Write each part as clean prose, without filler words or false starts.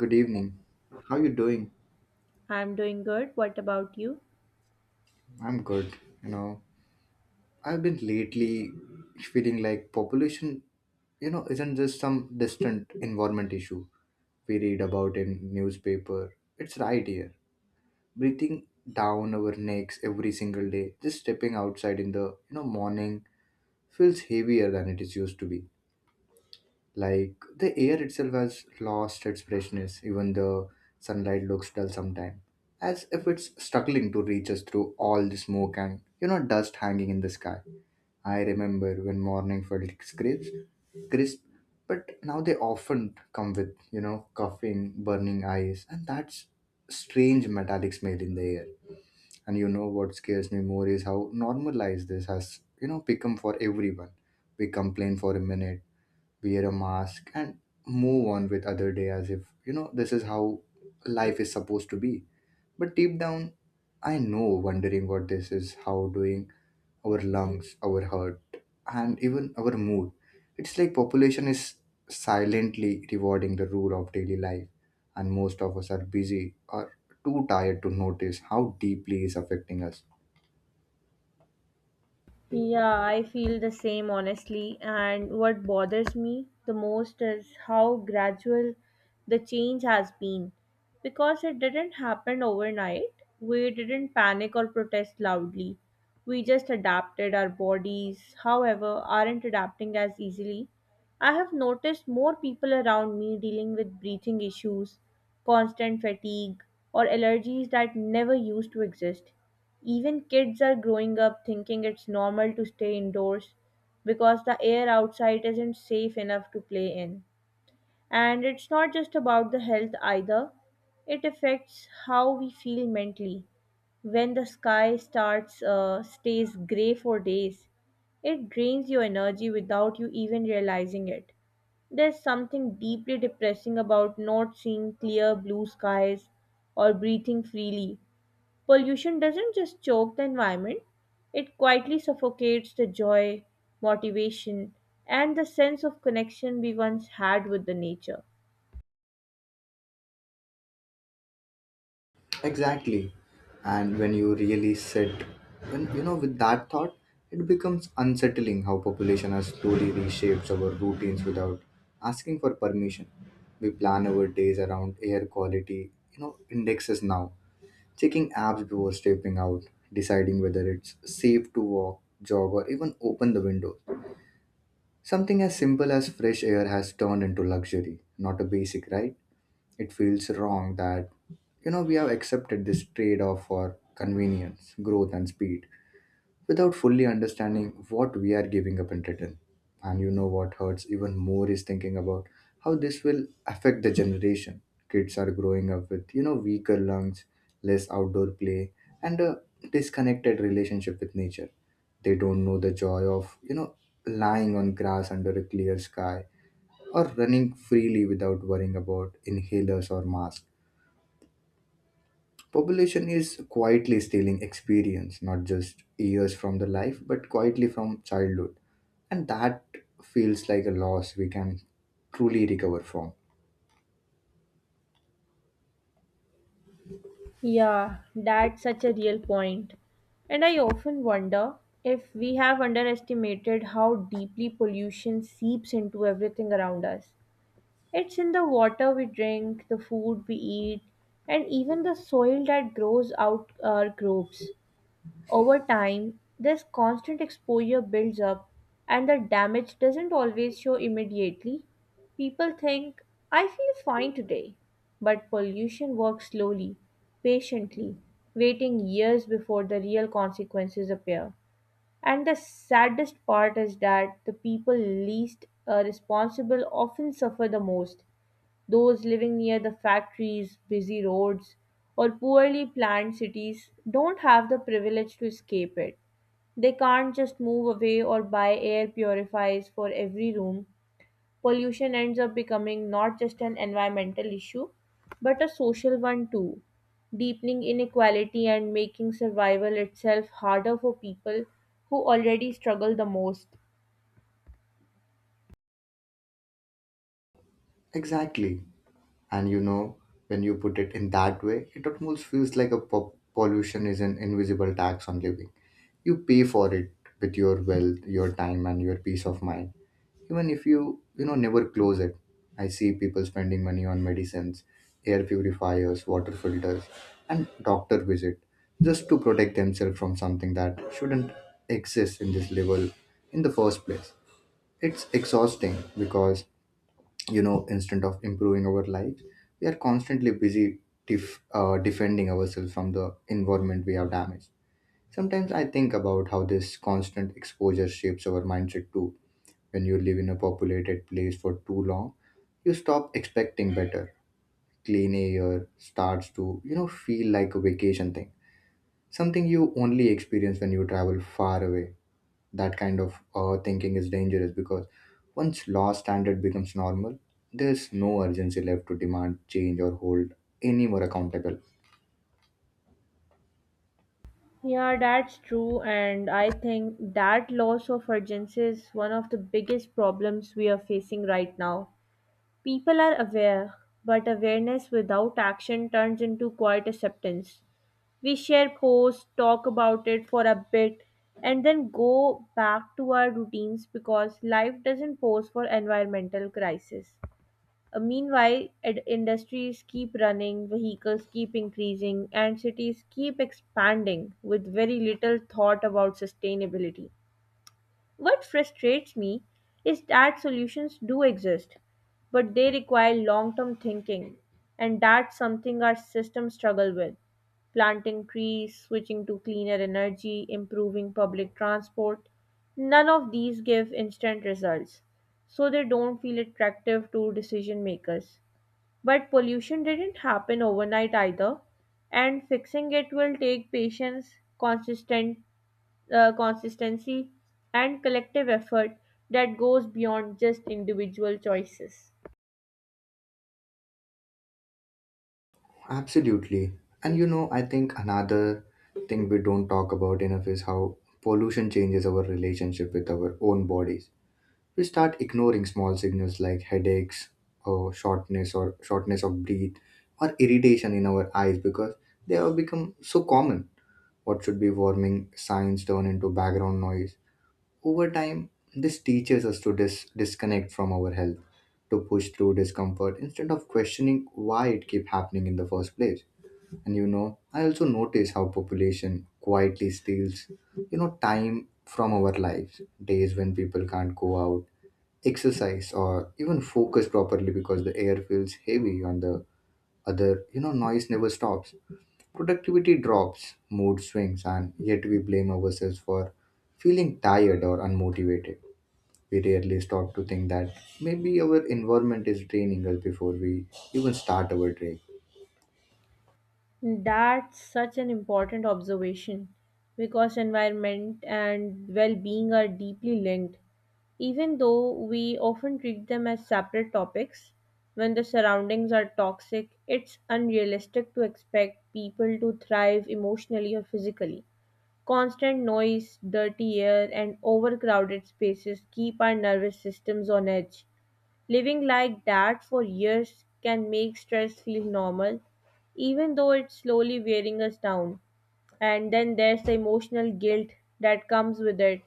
Good evening. How you doing? I'm doing good. What about you? I'm good. you know I've been lately feeling like population, you know, isn't just some distant environment issue we read about in newspaper. It's right here, breathing down our necks every single day. Just stepping outside in the morning feels heavier than it is used to be. Like the air itself has lost its freshness, even the sunlight looks dull sometimes, as if it's struggling to reach us through all the smoke and dust hanging in the sky. I remember when morning felt crisp, crisp, but now they often come with coughing, burning eyes, and that's strange metallic smell in the air. And you know what scares me more is how normalized this has become for everyone. We complain for a minute, wear a mask, and move on with other day as if this is how life is supposed to be. But deep down, I know wondering what this is how doing our lungs, our heart, and even our mood. It's like population is silently rewarding the rule of daily life, and most of us are busy or too tired to notice how deeply it's affecting us. Yeah, I feel the same honestly. And what bothers me the most is how gradual the change has been. Because it didn't happen overnight, we didn't panic or protest loudly. We just adapted our bodies, however, aren't adapting as easily. I have noticed more people around me dealing with breathing issues, constant fatigue, or allergies that never used to exist. Even kids are growing up thinking it's normal to stay indoors because the air outside isn't safe enough to play in. And it's not just about the health either, it affects how we feel mentally. When the sky starts stays gray for days, it drains your energy without you even realizing it. There's something deeply depressing about not seeing clear blue skies or breathing freely. Pollution doesn't just choke the environment, it quietly suffocates the joy, motivation, and the sense of connection we once had with the nature. Exactly. And when you really sit, with that thought, it becomes unsettling how population has slowly reshaped our routines without asking for permission. We plan our days around air quality, indexes now, checking apps before stepping out, deciding whether it's safe to walk, jog, or even open the window. Something as simple as fresh air has turned into luxury, not a basic right. It feels wrong that we have accepted this trade off for convenience, growth, and speed without fully understanding what we are giving up in return. And you know what hurts even more is thinking about how this will affect the generation. Kids are growing up with weaker lungs, less outdoor play, and a disconnected relationship with nature. They don't know the joy of lying on grass under a clear sky or running freely without worrying about inhalers or masks. Population is quietly stealing experience, not just years from the life, but quietly from childhood. And that feels like a loss we can truly recover from. Yeah, that's such a real point. And I often wonder if we have underestimated how deeply pollution seeps into everything around us. It's in the water we drink, the food we eat, and even the soil that grows out our crops. Over time, this constant exposure builds up and the damage doesn't always show immediately. People think, I feel fine today. But pollution works slowly, patiently, waiting years before the real consequences appear. And the saddest part is that the people least responsible often suffer the most, those living near the factories, busy roads, or poorly planned cities don't have the privilege to escape it. They can't just move away or buy air purifiers for every room. Pollution ends up becoming not just an environmental issue, but a social one too, deepening inequality and making survival itself harder for people who already struggle the most. Exactly. And when you put it in that way, it almost feels like pollution is an invisible tax on living. You pay for it with your wealth, your time, and your peace of mind, even if you you know never close it. I see people spending money on medicines, air purifiers, water filters, and doctor visit, just to protect themselves from something that shouldn't exist in this level in the first place. It's exhausting because, instead of improving our lives, we are constantly busy defending ourselves from the environment we have damaged. Sometimes I think about how this constant exposure shapes our mindset too. When you live in a populated place for too long, you stop expecting better. Clean air starts to feel like a vacation thing. Something you only experience when you travel far away. That kind of thinking is dangerous because once law standard becomes normal, there's no urgency left to demand change or hold any more accountable. Yeah, that's true, and I think that loss of urgency is one of the biggest problems we are facing right now. People are aware, but awareness without action turns into quiet acceptance. We share posts, talk about it for a bit, and then go back to our routines because life doesn't pause for environmental crisis. Meanwhile, industries keep running, vehicles keep increasing, and cities keep expanding with very little thought about sustainability. What frustrates me is that solutions do exist, but they require long term thinking, and that's something our systems struggle with. Planting trees, switching to cleaner energy, improving public transport, none of these give instant results, so they don't feel attractive to decision makers. But pollution didn't happen overnight either, and fixing it will take patience, consistent, consistency, and collective effort that goes beyond just individual choices. Absolutely. And you know, I think another thing we don't talk about enough is how pollution changes our relationship with our own bodies. We start ignoring small signals like headaches or shortness of breath or irritation in our eyes because they have become so common. What should be warming signs turn into background noise. Over time, this teaches us to disconnect from our health, to push through discomfort instead of questioning why it keep happening in the first place. And you know, I also notice how population quietly steals, time from our lives. Days when people can't go out, exercise, or even focus properly because the air feels heavy. On the other, noise never stops, productivity drops, mood swings, and yet we blame ourselves for feeling tired or unmotivated. We rarely stop to think that maybe our environment is draining us before we even start our day. That's such an important observation because environment and well being are deeply linked. Even though we often treat them as separate topics, when the surroundings are toxic, it's unrealistic to expect people to thrive emotionally or physically. Constant noise, dirty air, and overcrowded spaces keep our nervous systems on edge. Living like that for years can make stress feel normal, even though it's slowly wearing us down. And then there's the emotional guilt that comes with it.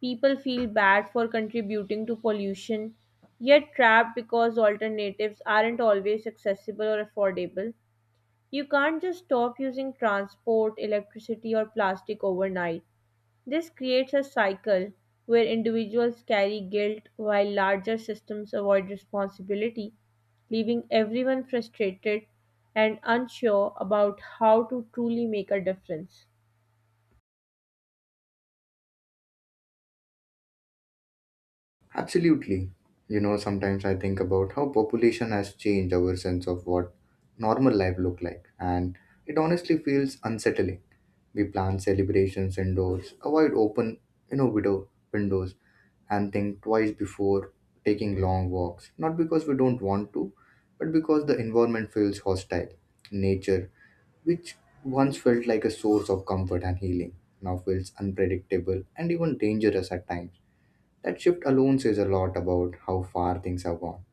People feel bad for contributing to pollution, yet trapped because alternatives aren't always accessible or affordable. You can't just stop using transport, electricity, or plastic overnight. This creates a cycle where individuals carry guilt while larger systems avoid responsibility, leaving everyone frustrated and unsure about how to truly make a difference. Absolutely. You know, sometimes I think about how population has changed our sense of what normal life look like, and it honestly feels unsettling. We plan celebrations indoors, avoid open, widow windows, and think twice before taking long walks, not because we don't want to, but because the environment feels hostile. Nature, which once felt like a source of comfort and healing, now feels unpredictable and even dangerous at times. That shift alone says a lot about how far things have gone.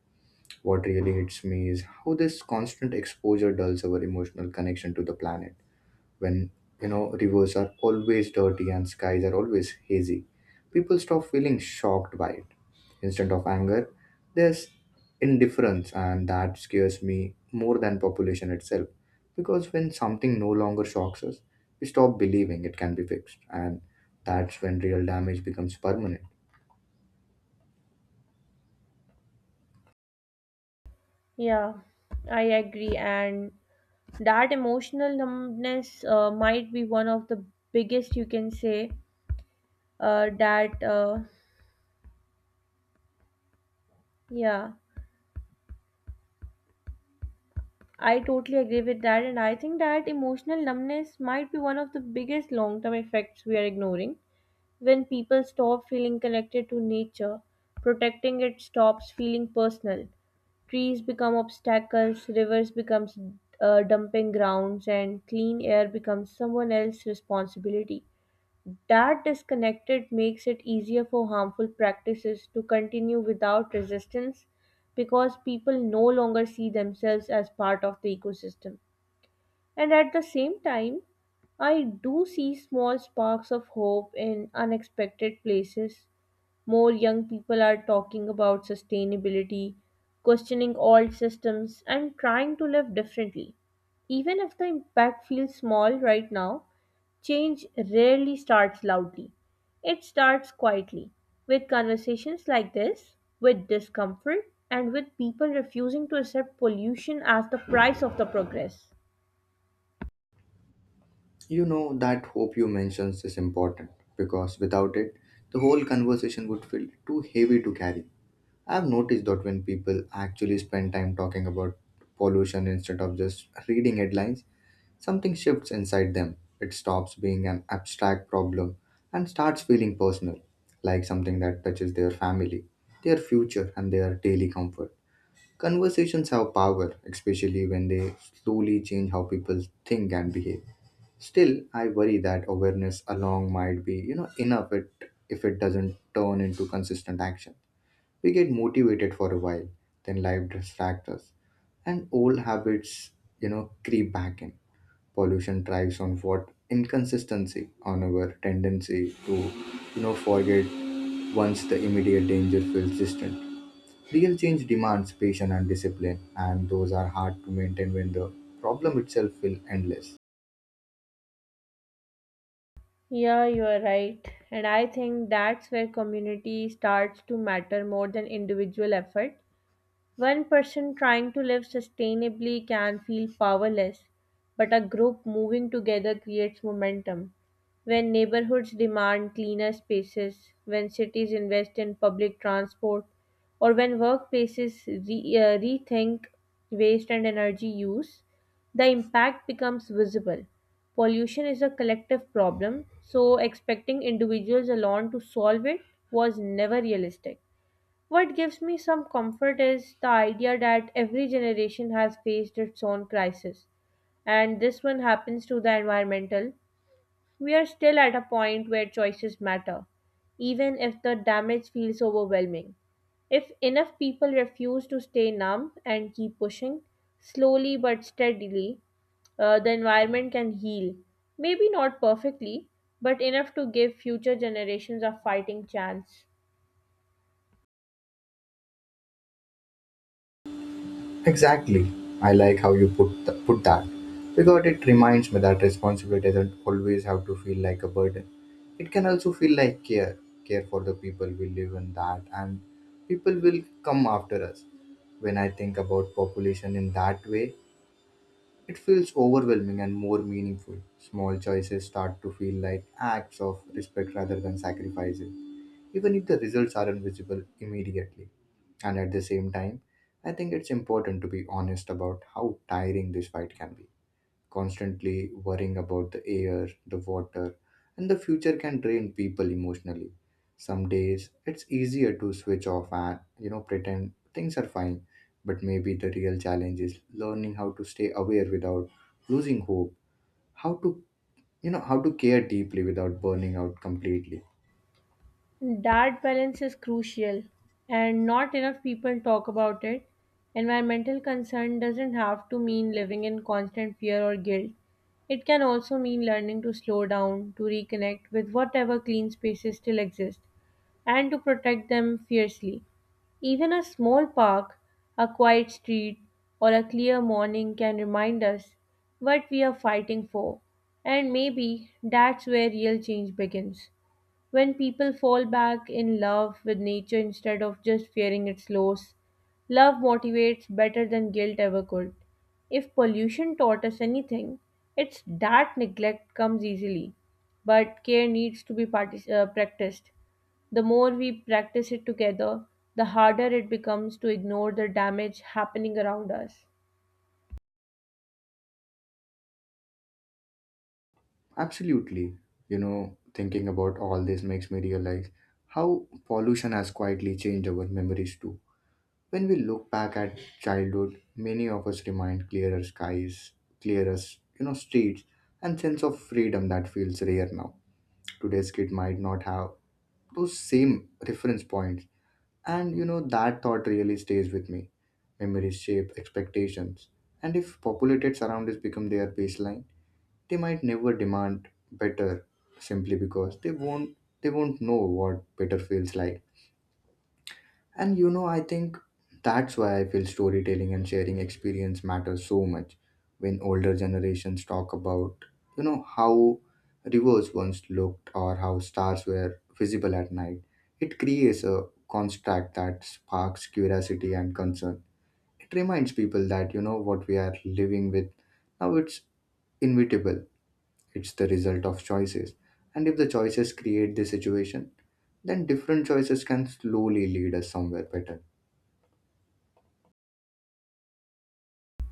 What really hits me is how this constant exposure dulls our emotional connection to the planet. When rivers are always dirty and skies are always hazy, people stop feeling shocked by it. Instead of anger, there's indifference, and that scares me more than population itself. Because when something no longer shocks us, we stop believing it can be fixed, and that's when real damage becomes permanent. Yeah, I agree. And that emotional numbness might be one of the biggest you can say that, yeah, I totally agree with that. And I think that emotional numbness might be one of the biggest long term effects we are ignoring. When people stop feeling connected to nature, protecting it stops feeling personal. Trees become obstacles, rivers becomes dumping grounds, and clean air becomes someone else's responsibility. That disconnected makes it easier for harmful practices to continue without resistance because people no longer see themselves as part of the ecosystem. And at the same time, I do see small sparks of hope in unexpected places. More young people are talking about sustainability, questioning old systems, and trying to live differently. Even if the impact feels small right now, change rarely starts loudly. It starts quietly, with conversations like this, with discomfort, and with people refusing to accept pollution as the price of the progress. You know, that hope you mentioned is important because without it, the whole conversation would feel too heavy to carry. I've noticed that when people actually spend time talking about pollution instead of just reading headlines, something shifts inside them. It stops being an abstract problem and starts feeling personal, like something that touches their family, their future, and their daily comfort. Conversations have power, especially when they slowly change how people think and behave. Still, I worry that awareness alone might be enough it, if it doesn't turn into consistent action. We get motivated for a while, then life distracts us, and old habits creep back in. Pollution thrives on what inconsistency, on our tendency to, forget once the immediate danger feels distant. Real change demands patience and discipline, and those are hard to maintain when the problem itself feels endless. Yeah, you are right. And I think that's where community starts to matter more than individual effort. One person trying to live sustainably can feel powerless, but a group moving together creates momentum. When neighborhoods demand cleaner spaces, when cities invest in public transport, or when workplaces rethink waste and energy use, the impact becomes visible. Pollution is a collective problem, so expecting individuals alone to solve it was never realistic. What gives me some comfort is the idea that every generation has faced its own crisis, and this one happens to the environmental. We are still at a point where choices matter, even if the damage feels overwhelming. If enough people refuse to stay numb and keep pushing, slowly but steadily, the environment can heal. Maybe not perfectly, but enough to give future generations a fighting chance. Exactly. I like how you put that because it reminds me that responsibility doesn't always have to feel like a burden. It can also feel like care, care for the people we live in that, and people will come after us. When I think about population in that way, it feels overwhelming and more meaningful. Small choices start to feel like acts of respect rather than sacrifices, even if the results aren't visible immediately. And at the same time, I think it's important to be honest about how tiring this fight can be. Constantly worrying about the air, the water, and the future can drain people emotionally. Some days it's easier to switch off and pretend things are fine, but maybe the real challenge is learning how to stay aware without losing hope, how to, how to care deeply without burning out completely. That balance is crucial, and not enough people talk about it. Environmental concern doesn't have to mean living in constant fear or guilt. It can also mean learning to slow down, to reconnect with whatever clean spaces still exist, and to protect them fiercely. Even a small park, a quiet street, or a clear morning can remind us what we are fighting for, and maybe that's where real change begins, when people fall back in love with nature instead of just fearing its loss. Love motivates better than guilt ever could. If pollution taught us anything, it's that neglect comes easily, but care needs to be practiced. The more we practice it together, the harder it becomes to ignore the damage happening around us. Absolutely. You know, thinking about all this makes me realize how pollution has quietly changed our memories too. When we look back at childhood, many of us remind clearer skies, clearer, streets, and sense of freedom that feels rare now. Today's kid might not have those same reference points. And you know, that thought really stays with me. Memories shape expectations. And if populated surroundings become their baseline, they might never demand better simply because they won't know what better feels like. And you know, I think that's why I feel storytelling and sharing experience matters so much. When older generations talk about, how rivers once looked or how stars were visible at night, it creates a construct that sparks curiosity and concern. It reminds people that, what we are living with now, it's inevitable. It's the result of choices. And if the choices create the situation, then different choices can slowly lead us somewhere better.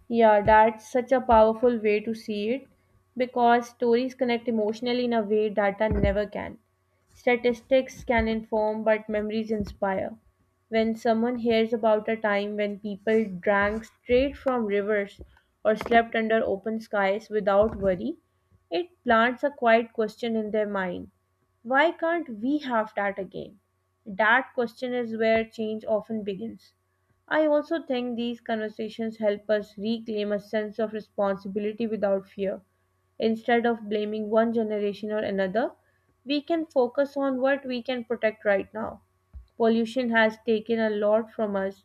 Yeah, that's such a powerful way to see it because stories connect emotionally in a way data never can. Statistics can inform, but memories inspire. When someone hears about a time when people drank straight from rivers or slept under open skies without worry, it plants a quiet question in their mind: why can't we have that again? That question is where change often begins. I also think these conversations help us reclaim a sense of responsibility without fear. Instead of blaming one generation or another, we can focus on what we can protect right now. Pollution has taken a lot from us,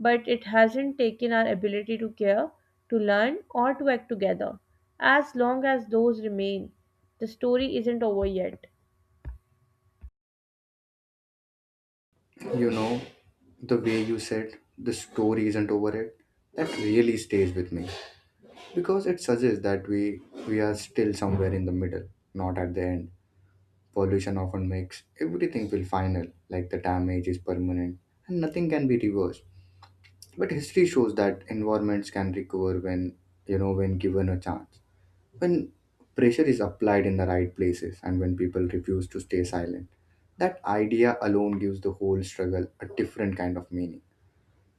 but it hasn't taken our ability to care, to learn, or to act together. As long as those remain, the story isn't over yet. You know, the way you said the story isn't over it, that really stays with me because it suggests that we are still somewhere in the middle, not at the end. Pollution often makes everything feel final, like the damage is permanent and nothing can be reversed. But history shows that environments can recover when, when given a chance. When pressure is applied in the right places and when people refuse to stay silent, that idea alone gives the whole struggle a different kind of meaning.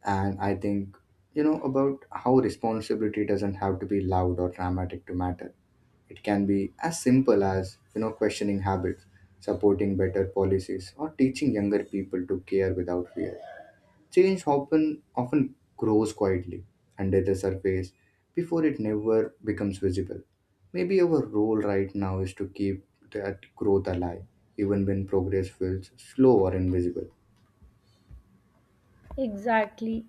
And I think, you know, about how responsibility doesn't have to be loud or dramatic to matter. It can be as simple as, you know, questioning habits, supporting better policies, or teaching younger people to care without fear. Change often grows quietly under the surface before it never becomes visible. Maybe our role right now is to keep that growth alive, even when progress feels slow or invisible. Exactly.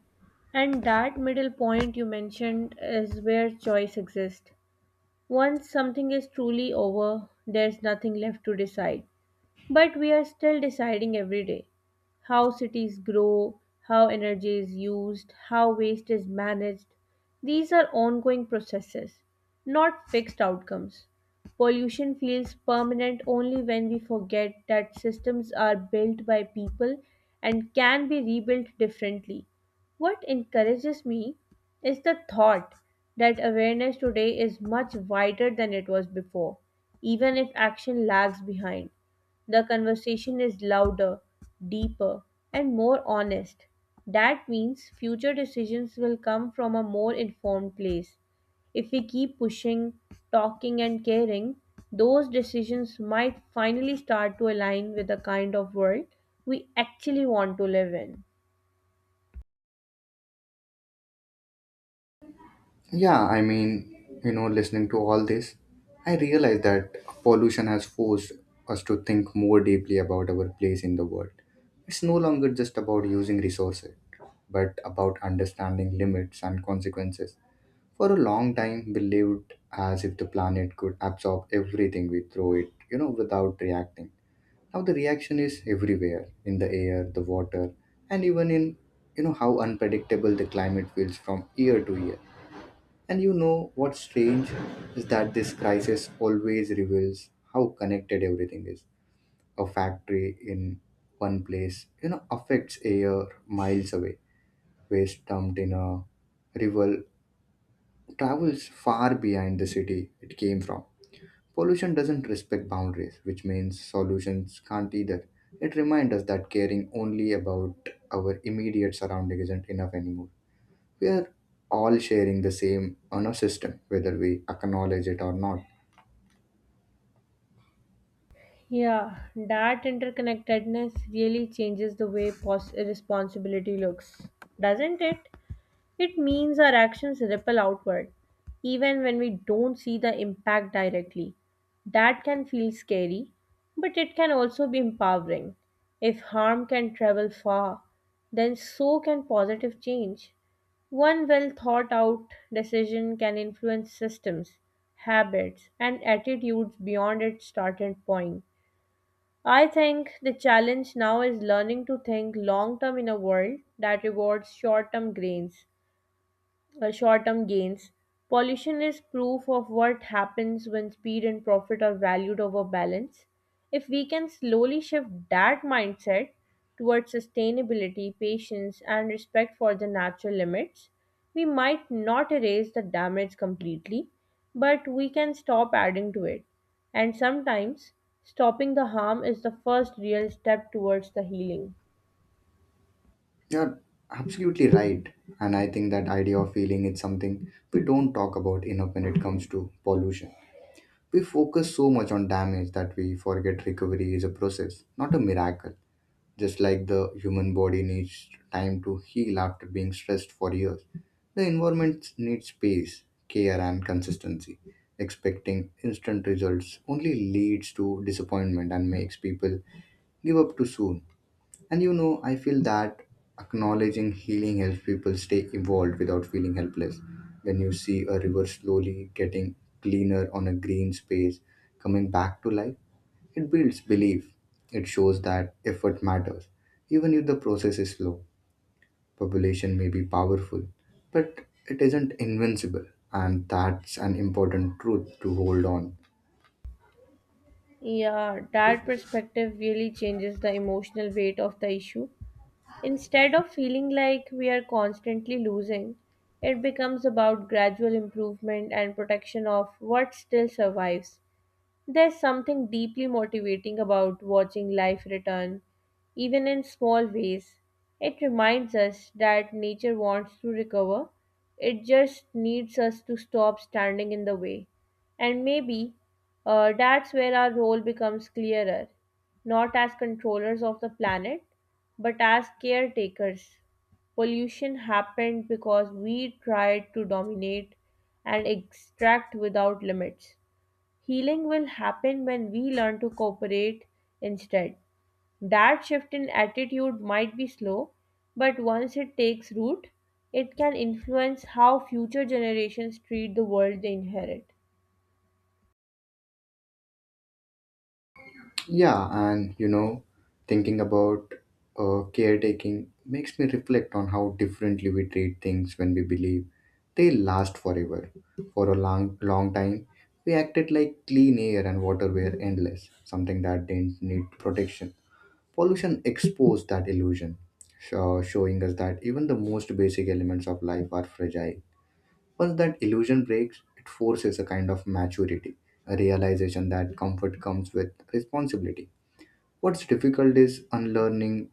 And that middle point you mentioned is where choice exists. Once something is truly over, there's nothing left to decide. But we are still deciding every day how cities grow, how energy is used, how waste is managed. These are ongoing processes, not fixed outcomes. Pollution feels permanent only when we forget that systems are built by people and can be rebuilt differently. What encourages me is the thought that awareness today is much wider than it was before, even if action lags behind. The conversation is louder, deeper, and more honest. That means future decisions will come from a more informed place. If we keep pushing, talking, and caring, those decisions might finally start to align with the kind of world we actually want to live in. Yeah, listening to all this, I realize that pollution has forced us to think more deeply about our place in the world. It's no longer just about using resources, but about understanding limits and consequences. For a long time, we lived as if the planet could absorb everything we throw it, without reacting. Now the reaction is everywhere in the air, the water, and even in, how unpredictable the climate feels from year to year. And you know what's strange is that this crisis always reveals how connected everything is. A factory in one place, affects air miles away, waste dumped in a river travels far behind the city it came from. Pollution doesn't respect boundaries, which means solutions can't either. It reminds us that caring only about our immediate surrounding isn't enough anymore. We are all sharing the same honor system, whether we acknowledge it or not. Yeah, that interconnectedness really changes the way responsibility looks, doesn't it? It means our actions ripple outward, even when we don't see the impact directly. That can feel scary, but it can also be empowering. If harm can travel far, then so can positive change. One well thought out decision can influence systems, habits, and attitudes beyond its starting point. I think the challenge now is learning to think long term in a world that rewards short-term gains. Pollution is proof of what happens when speed and profit are valued over balance. If we can slowly shift that mindset towards sustainability, patience, and respect for the natural limits, we might not erase the damage completely, but we can stop adding to it. And sometimes, stopping the harm is the first real step towards the healing. You're absolutely right. And I think that idea of feeling is something we don't talk about enough when it comes to pollution. We focus so much on damage that we forget recovery is a process, not a miracle. Just like the human body needs time to heal after being stressed for years, the environment needs space, care, and consistency. Expecting instant results only leads to disappointment and makes people give up too soon. And I feel that acknowledging healing helps people stay involved without feeling helpless. When you see a river slowly getting cleaner on a green space, coming back to life, it builds belief. It shows that effort matters, even if the process is slow. Population may be powerful, but it isn't invincible, and that's an important truth to hold on. Yeah, that perspective really changes the emotional weight of the issue. Instead of feeling like we are constantly losing, it becomes about gradual improvement and protection of what still survives. There's something deeply motivating about watching life return, even in small ways. It reminds us that nature wants to recover, it just needs us to stop standing in the way. And maybe that's where our role becomes clearer, not as controllers of the planet, but as caretakers. Pollution happened because we tried to dominate and extract without limits. Healing will happen when we learn to cooperate instead. That shift in attitude might be slow, but once it takes root, it can influence how future generations treat the world they inherit. Yeah, and thinking about caretaking makes me reflect on how differently we treat things when we believe they last forever. For a long, long time, we acted like clean air and water were endless, something that didn't need protection. Pollution exposed that illusion, showing us that even the most basic elements of life are fragile. Once that illusion breaks, it forces a kind of maturity, a realization that comfort comes with responsibility. What's difficult is unlearning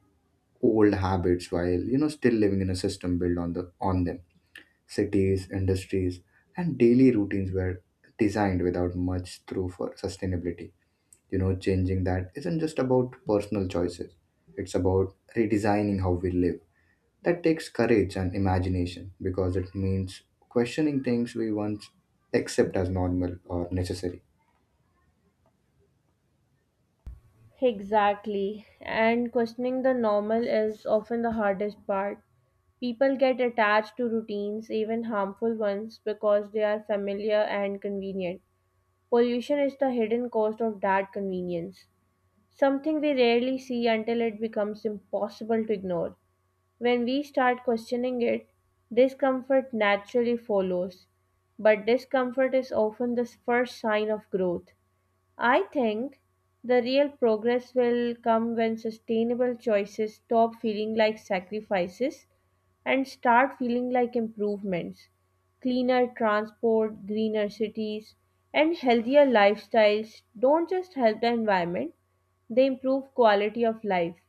old habits while still living in a system built on them. Cities, industries, and daily routines were designed without much through for sustainability. Changing that isn't just about personal choices, it's about redesigning how we live. That takes courage and imagination because it means questioning things we once accept as normal or necessary. Exactly. And questioning the normal is often the hardest part. People get attached to routines, even harmful ones, because they are familiar and convenient. Pollution is the hidden cost of that convenience, something we rarely see until it becomes impossible to ignore. When we start questioning it, discomfort naturally follows. But discomfort is often the first sign of growth. I think the real progress will come when sustainable choices stop feeling like sacrifices and start feeling like improvements. Cleaner transport, greener cities, and healthier lifestyles don't just help the environment, they improve quality of life.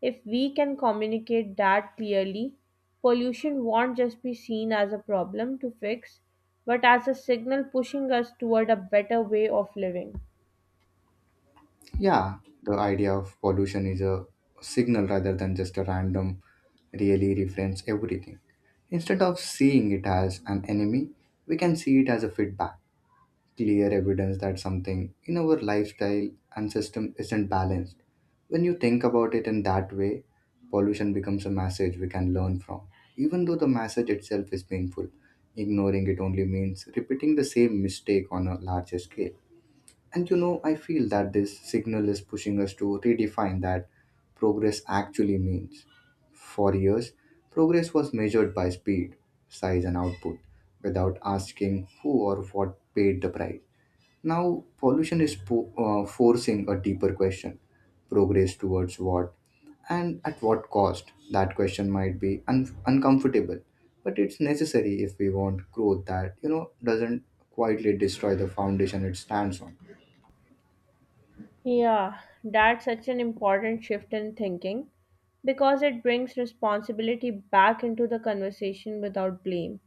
If we can communicate that clearly, pollution won't just be seen as a problem to fix, but as a signal pushing us toward a better way of living. Yeah, the idea of pollution is a signal rather than just a random, really reference everything. Instead of seeing it as an enemy, we can see it as a feedback. Clear evidence that something in our lifestyle and system isn't balanced. When you think about it in that way, pollution becomes a message we can learn from. Even though the message itself is painful, ignoring it only means repeating the same mistake on a larger scale. And I feel that this signal is pushing us to redefine that progress actually means. For years, progress was measured by speed, size, and output without asking who or what paid the price. Now, pollution is forcing a deeper question progress towards what and at what cost? That question might be uncomfortable, but it's necessary if we want growth that, doesn't quietly destroy the foundation it stands on. Yeah, that's such an important shift in thinking because it brings responsibility back into the conversation without blame.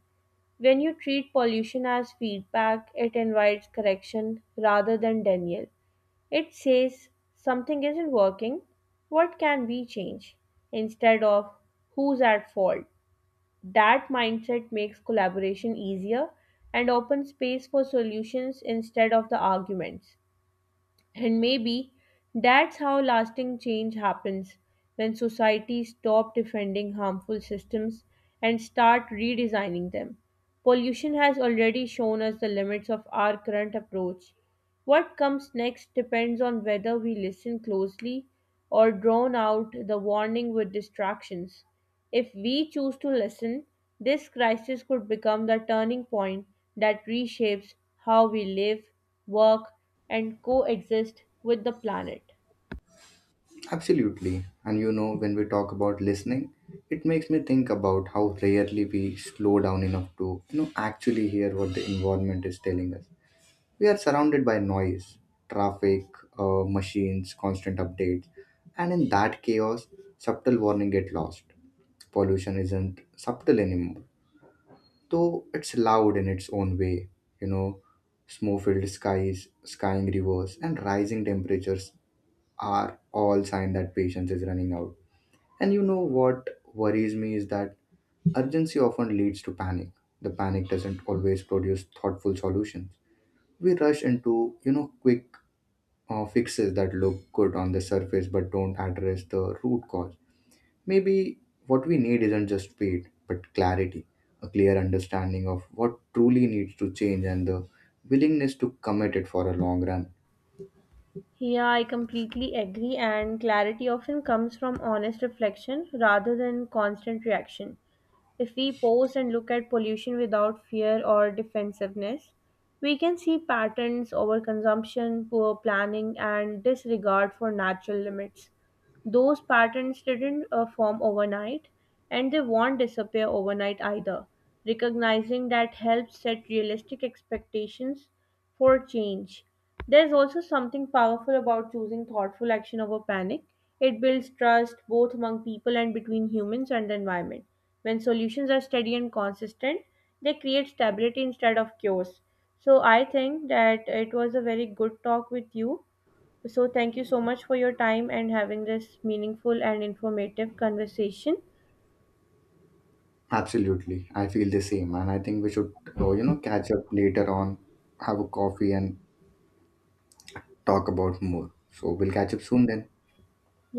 When you treat pollution as feedback, it invites correction rather than denial. It says something isn't working, what can we change? Instead of who's at fault. That mindset makes collaboration easier and opens space for solutions instead of the arguments. And maybe that's how lasting change happens, when societies stop defending harmful systems and start redesigning them. Pollution has already shown us the limits of our current approach, what comes next depends on whether we listen closely or drown out the warning with distractions. If we choose to listen, this crisis could become the turning point that reshapes how we live, work, and coexist with the planet. Absolutely. And when we talk about listening, it makes me think about how rarely we slow down enough to, actually hear what the environment is telling us. We are surrounded by noise, traffic, machines, constant updates, and in that chaos, subtle warning get lost. Pollution isn't subtle anymore, though it's loud in its own way. You know, Smoke filled skies, skying rivers, and rising temperatures are all signs that patience is running out. And you know what worries me is that urgency often leads to panic. The panic doesn't always produce thoughtful solutions we rush into quick fixes that look good on the surface but don't address the root cause. Maybe what we need isn't just speed, but clarity, a clear understanding of what truly needs to change, and the willingness to commit it for a long run. Yeah, I completely agree, and clarity often comes from honest reflection rather than constant reaction. If we pause and look at pollution without fear or defensiveness, we can see patterns, overconsumption, poor planning, and disregard for natural limits. Those patterns didn't form overnight, and they won't disappear overnight either. Recognizing that helps set realistic expectations for change. There's also something powerful about choosing thoughtful action over panic. It builds trust both among people and between humans and the environment. When solutions are steady and consistent, they create stability instead of chaos. So I think that it was a very good talk with you, so thank you so much for your time and having this meaningful and informative conversation. Absolutely, I feel the same, and I think we should, catch up later on, have a coffee, and talk about more. So we'll catch up soon then. Yeah.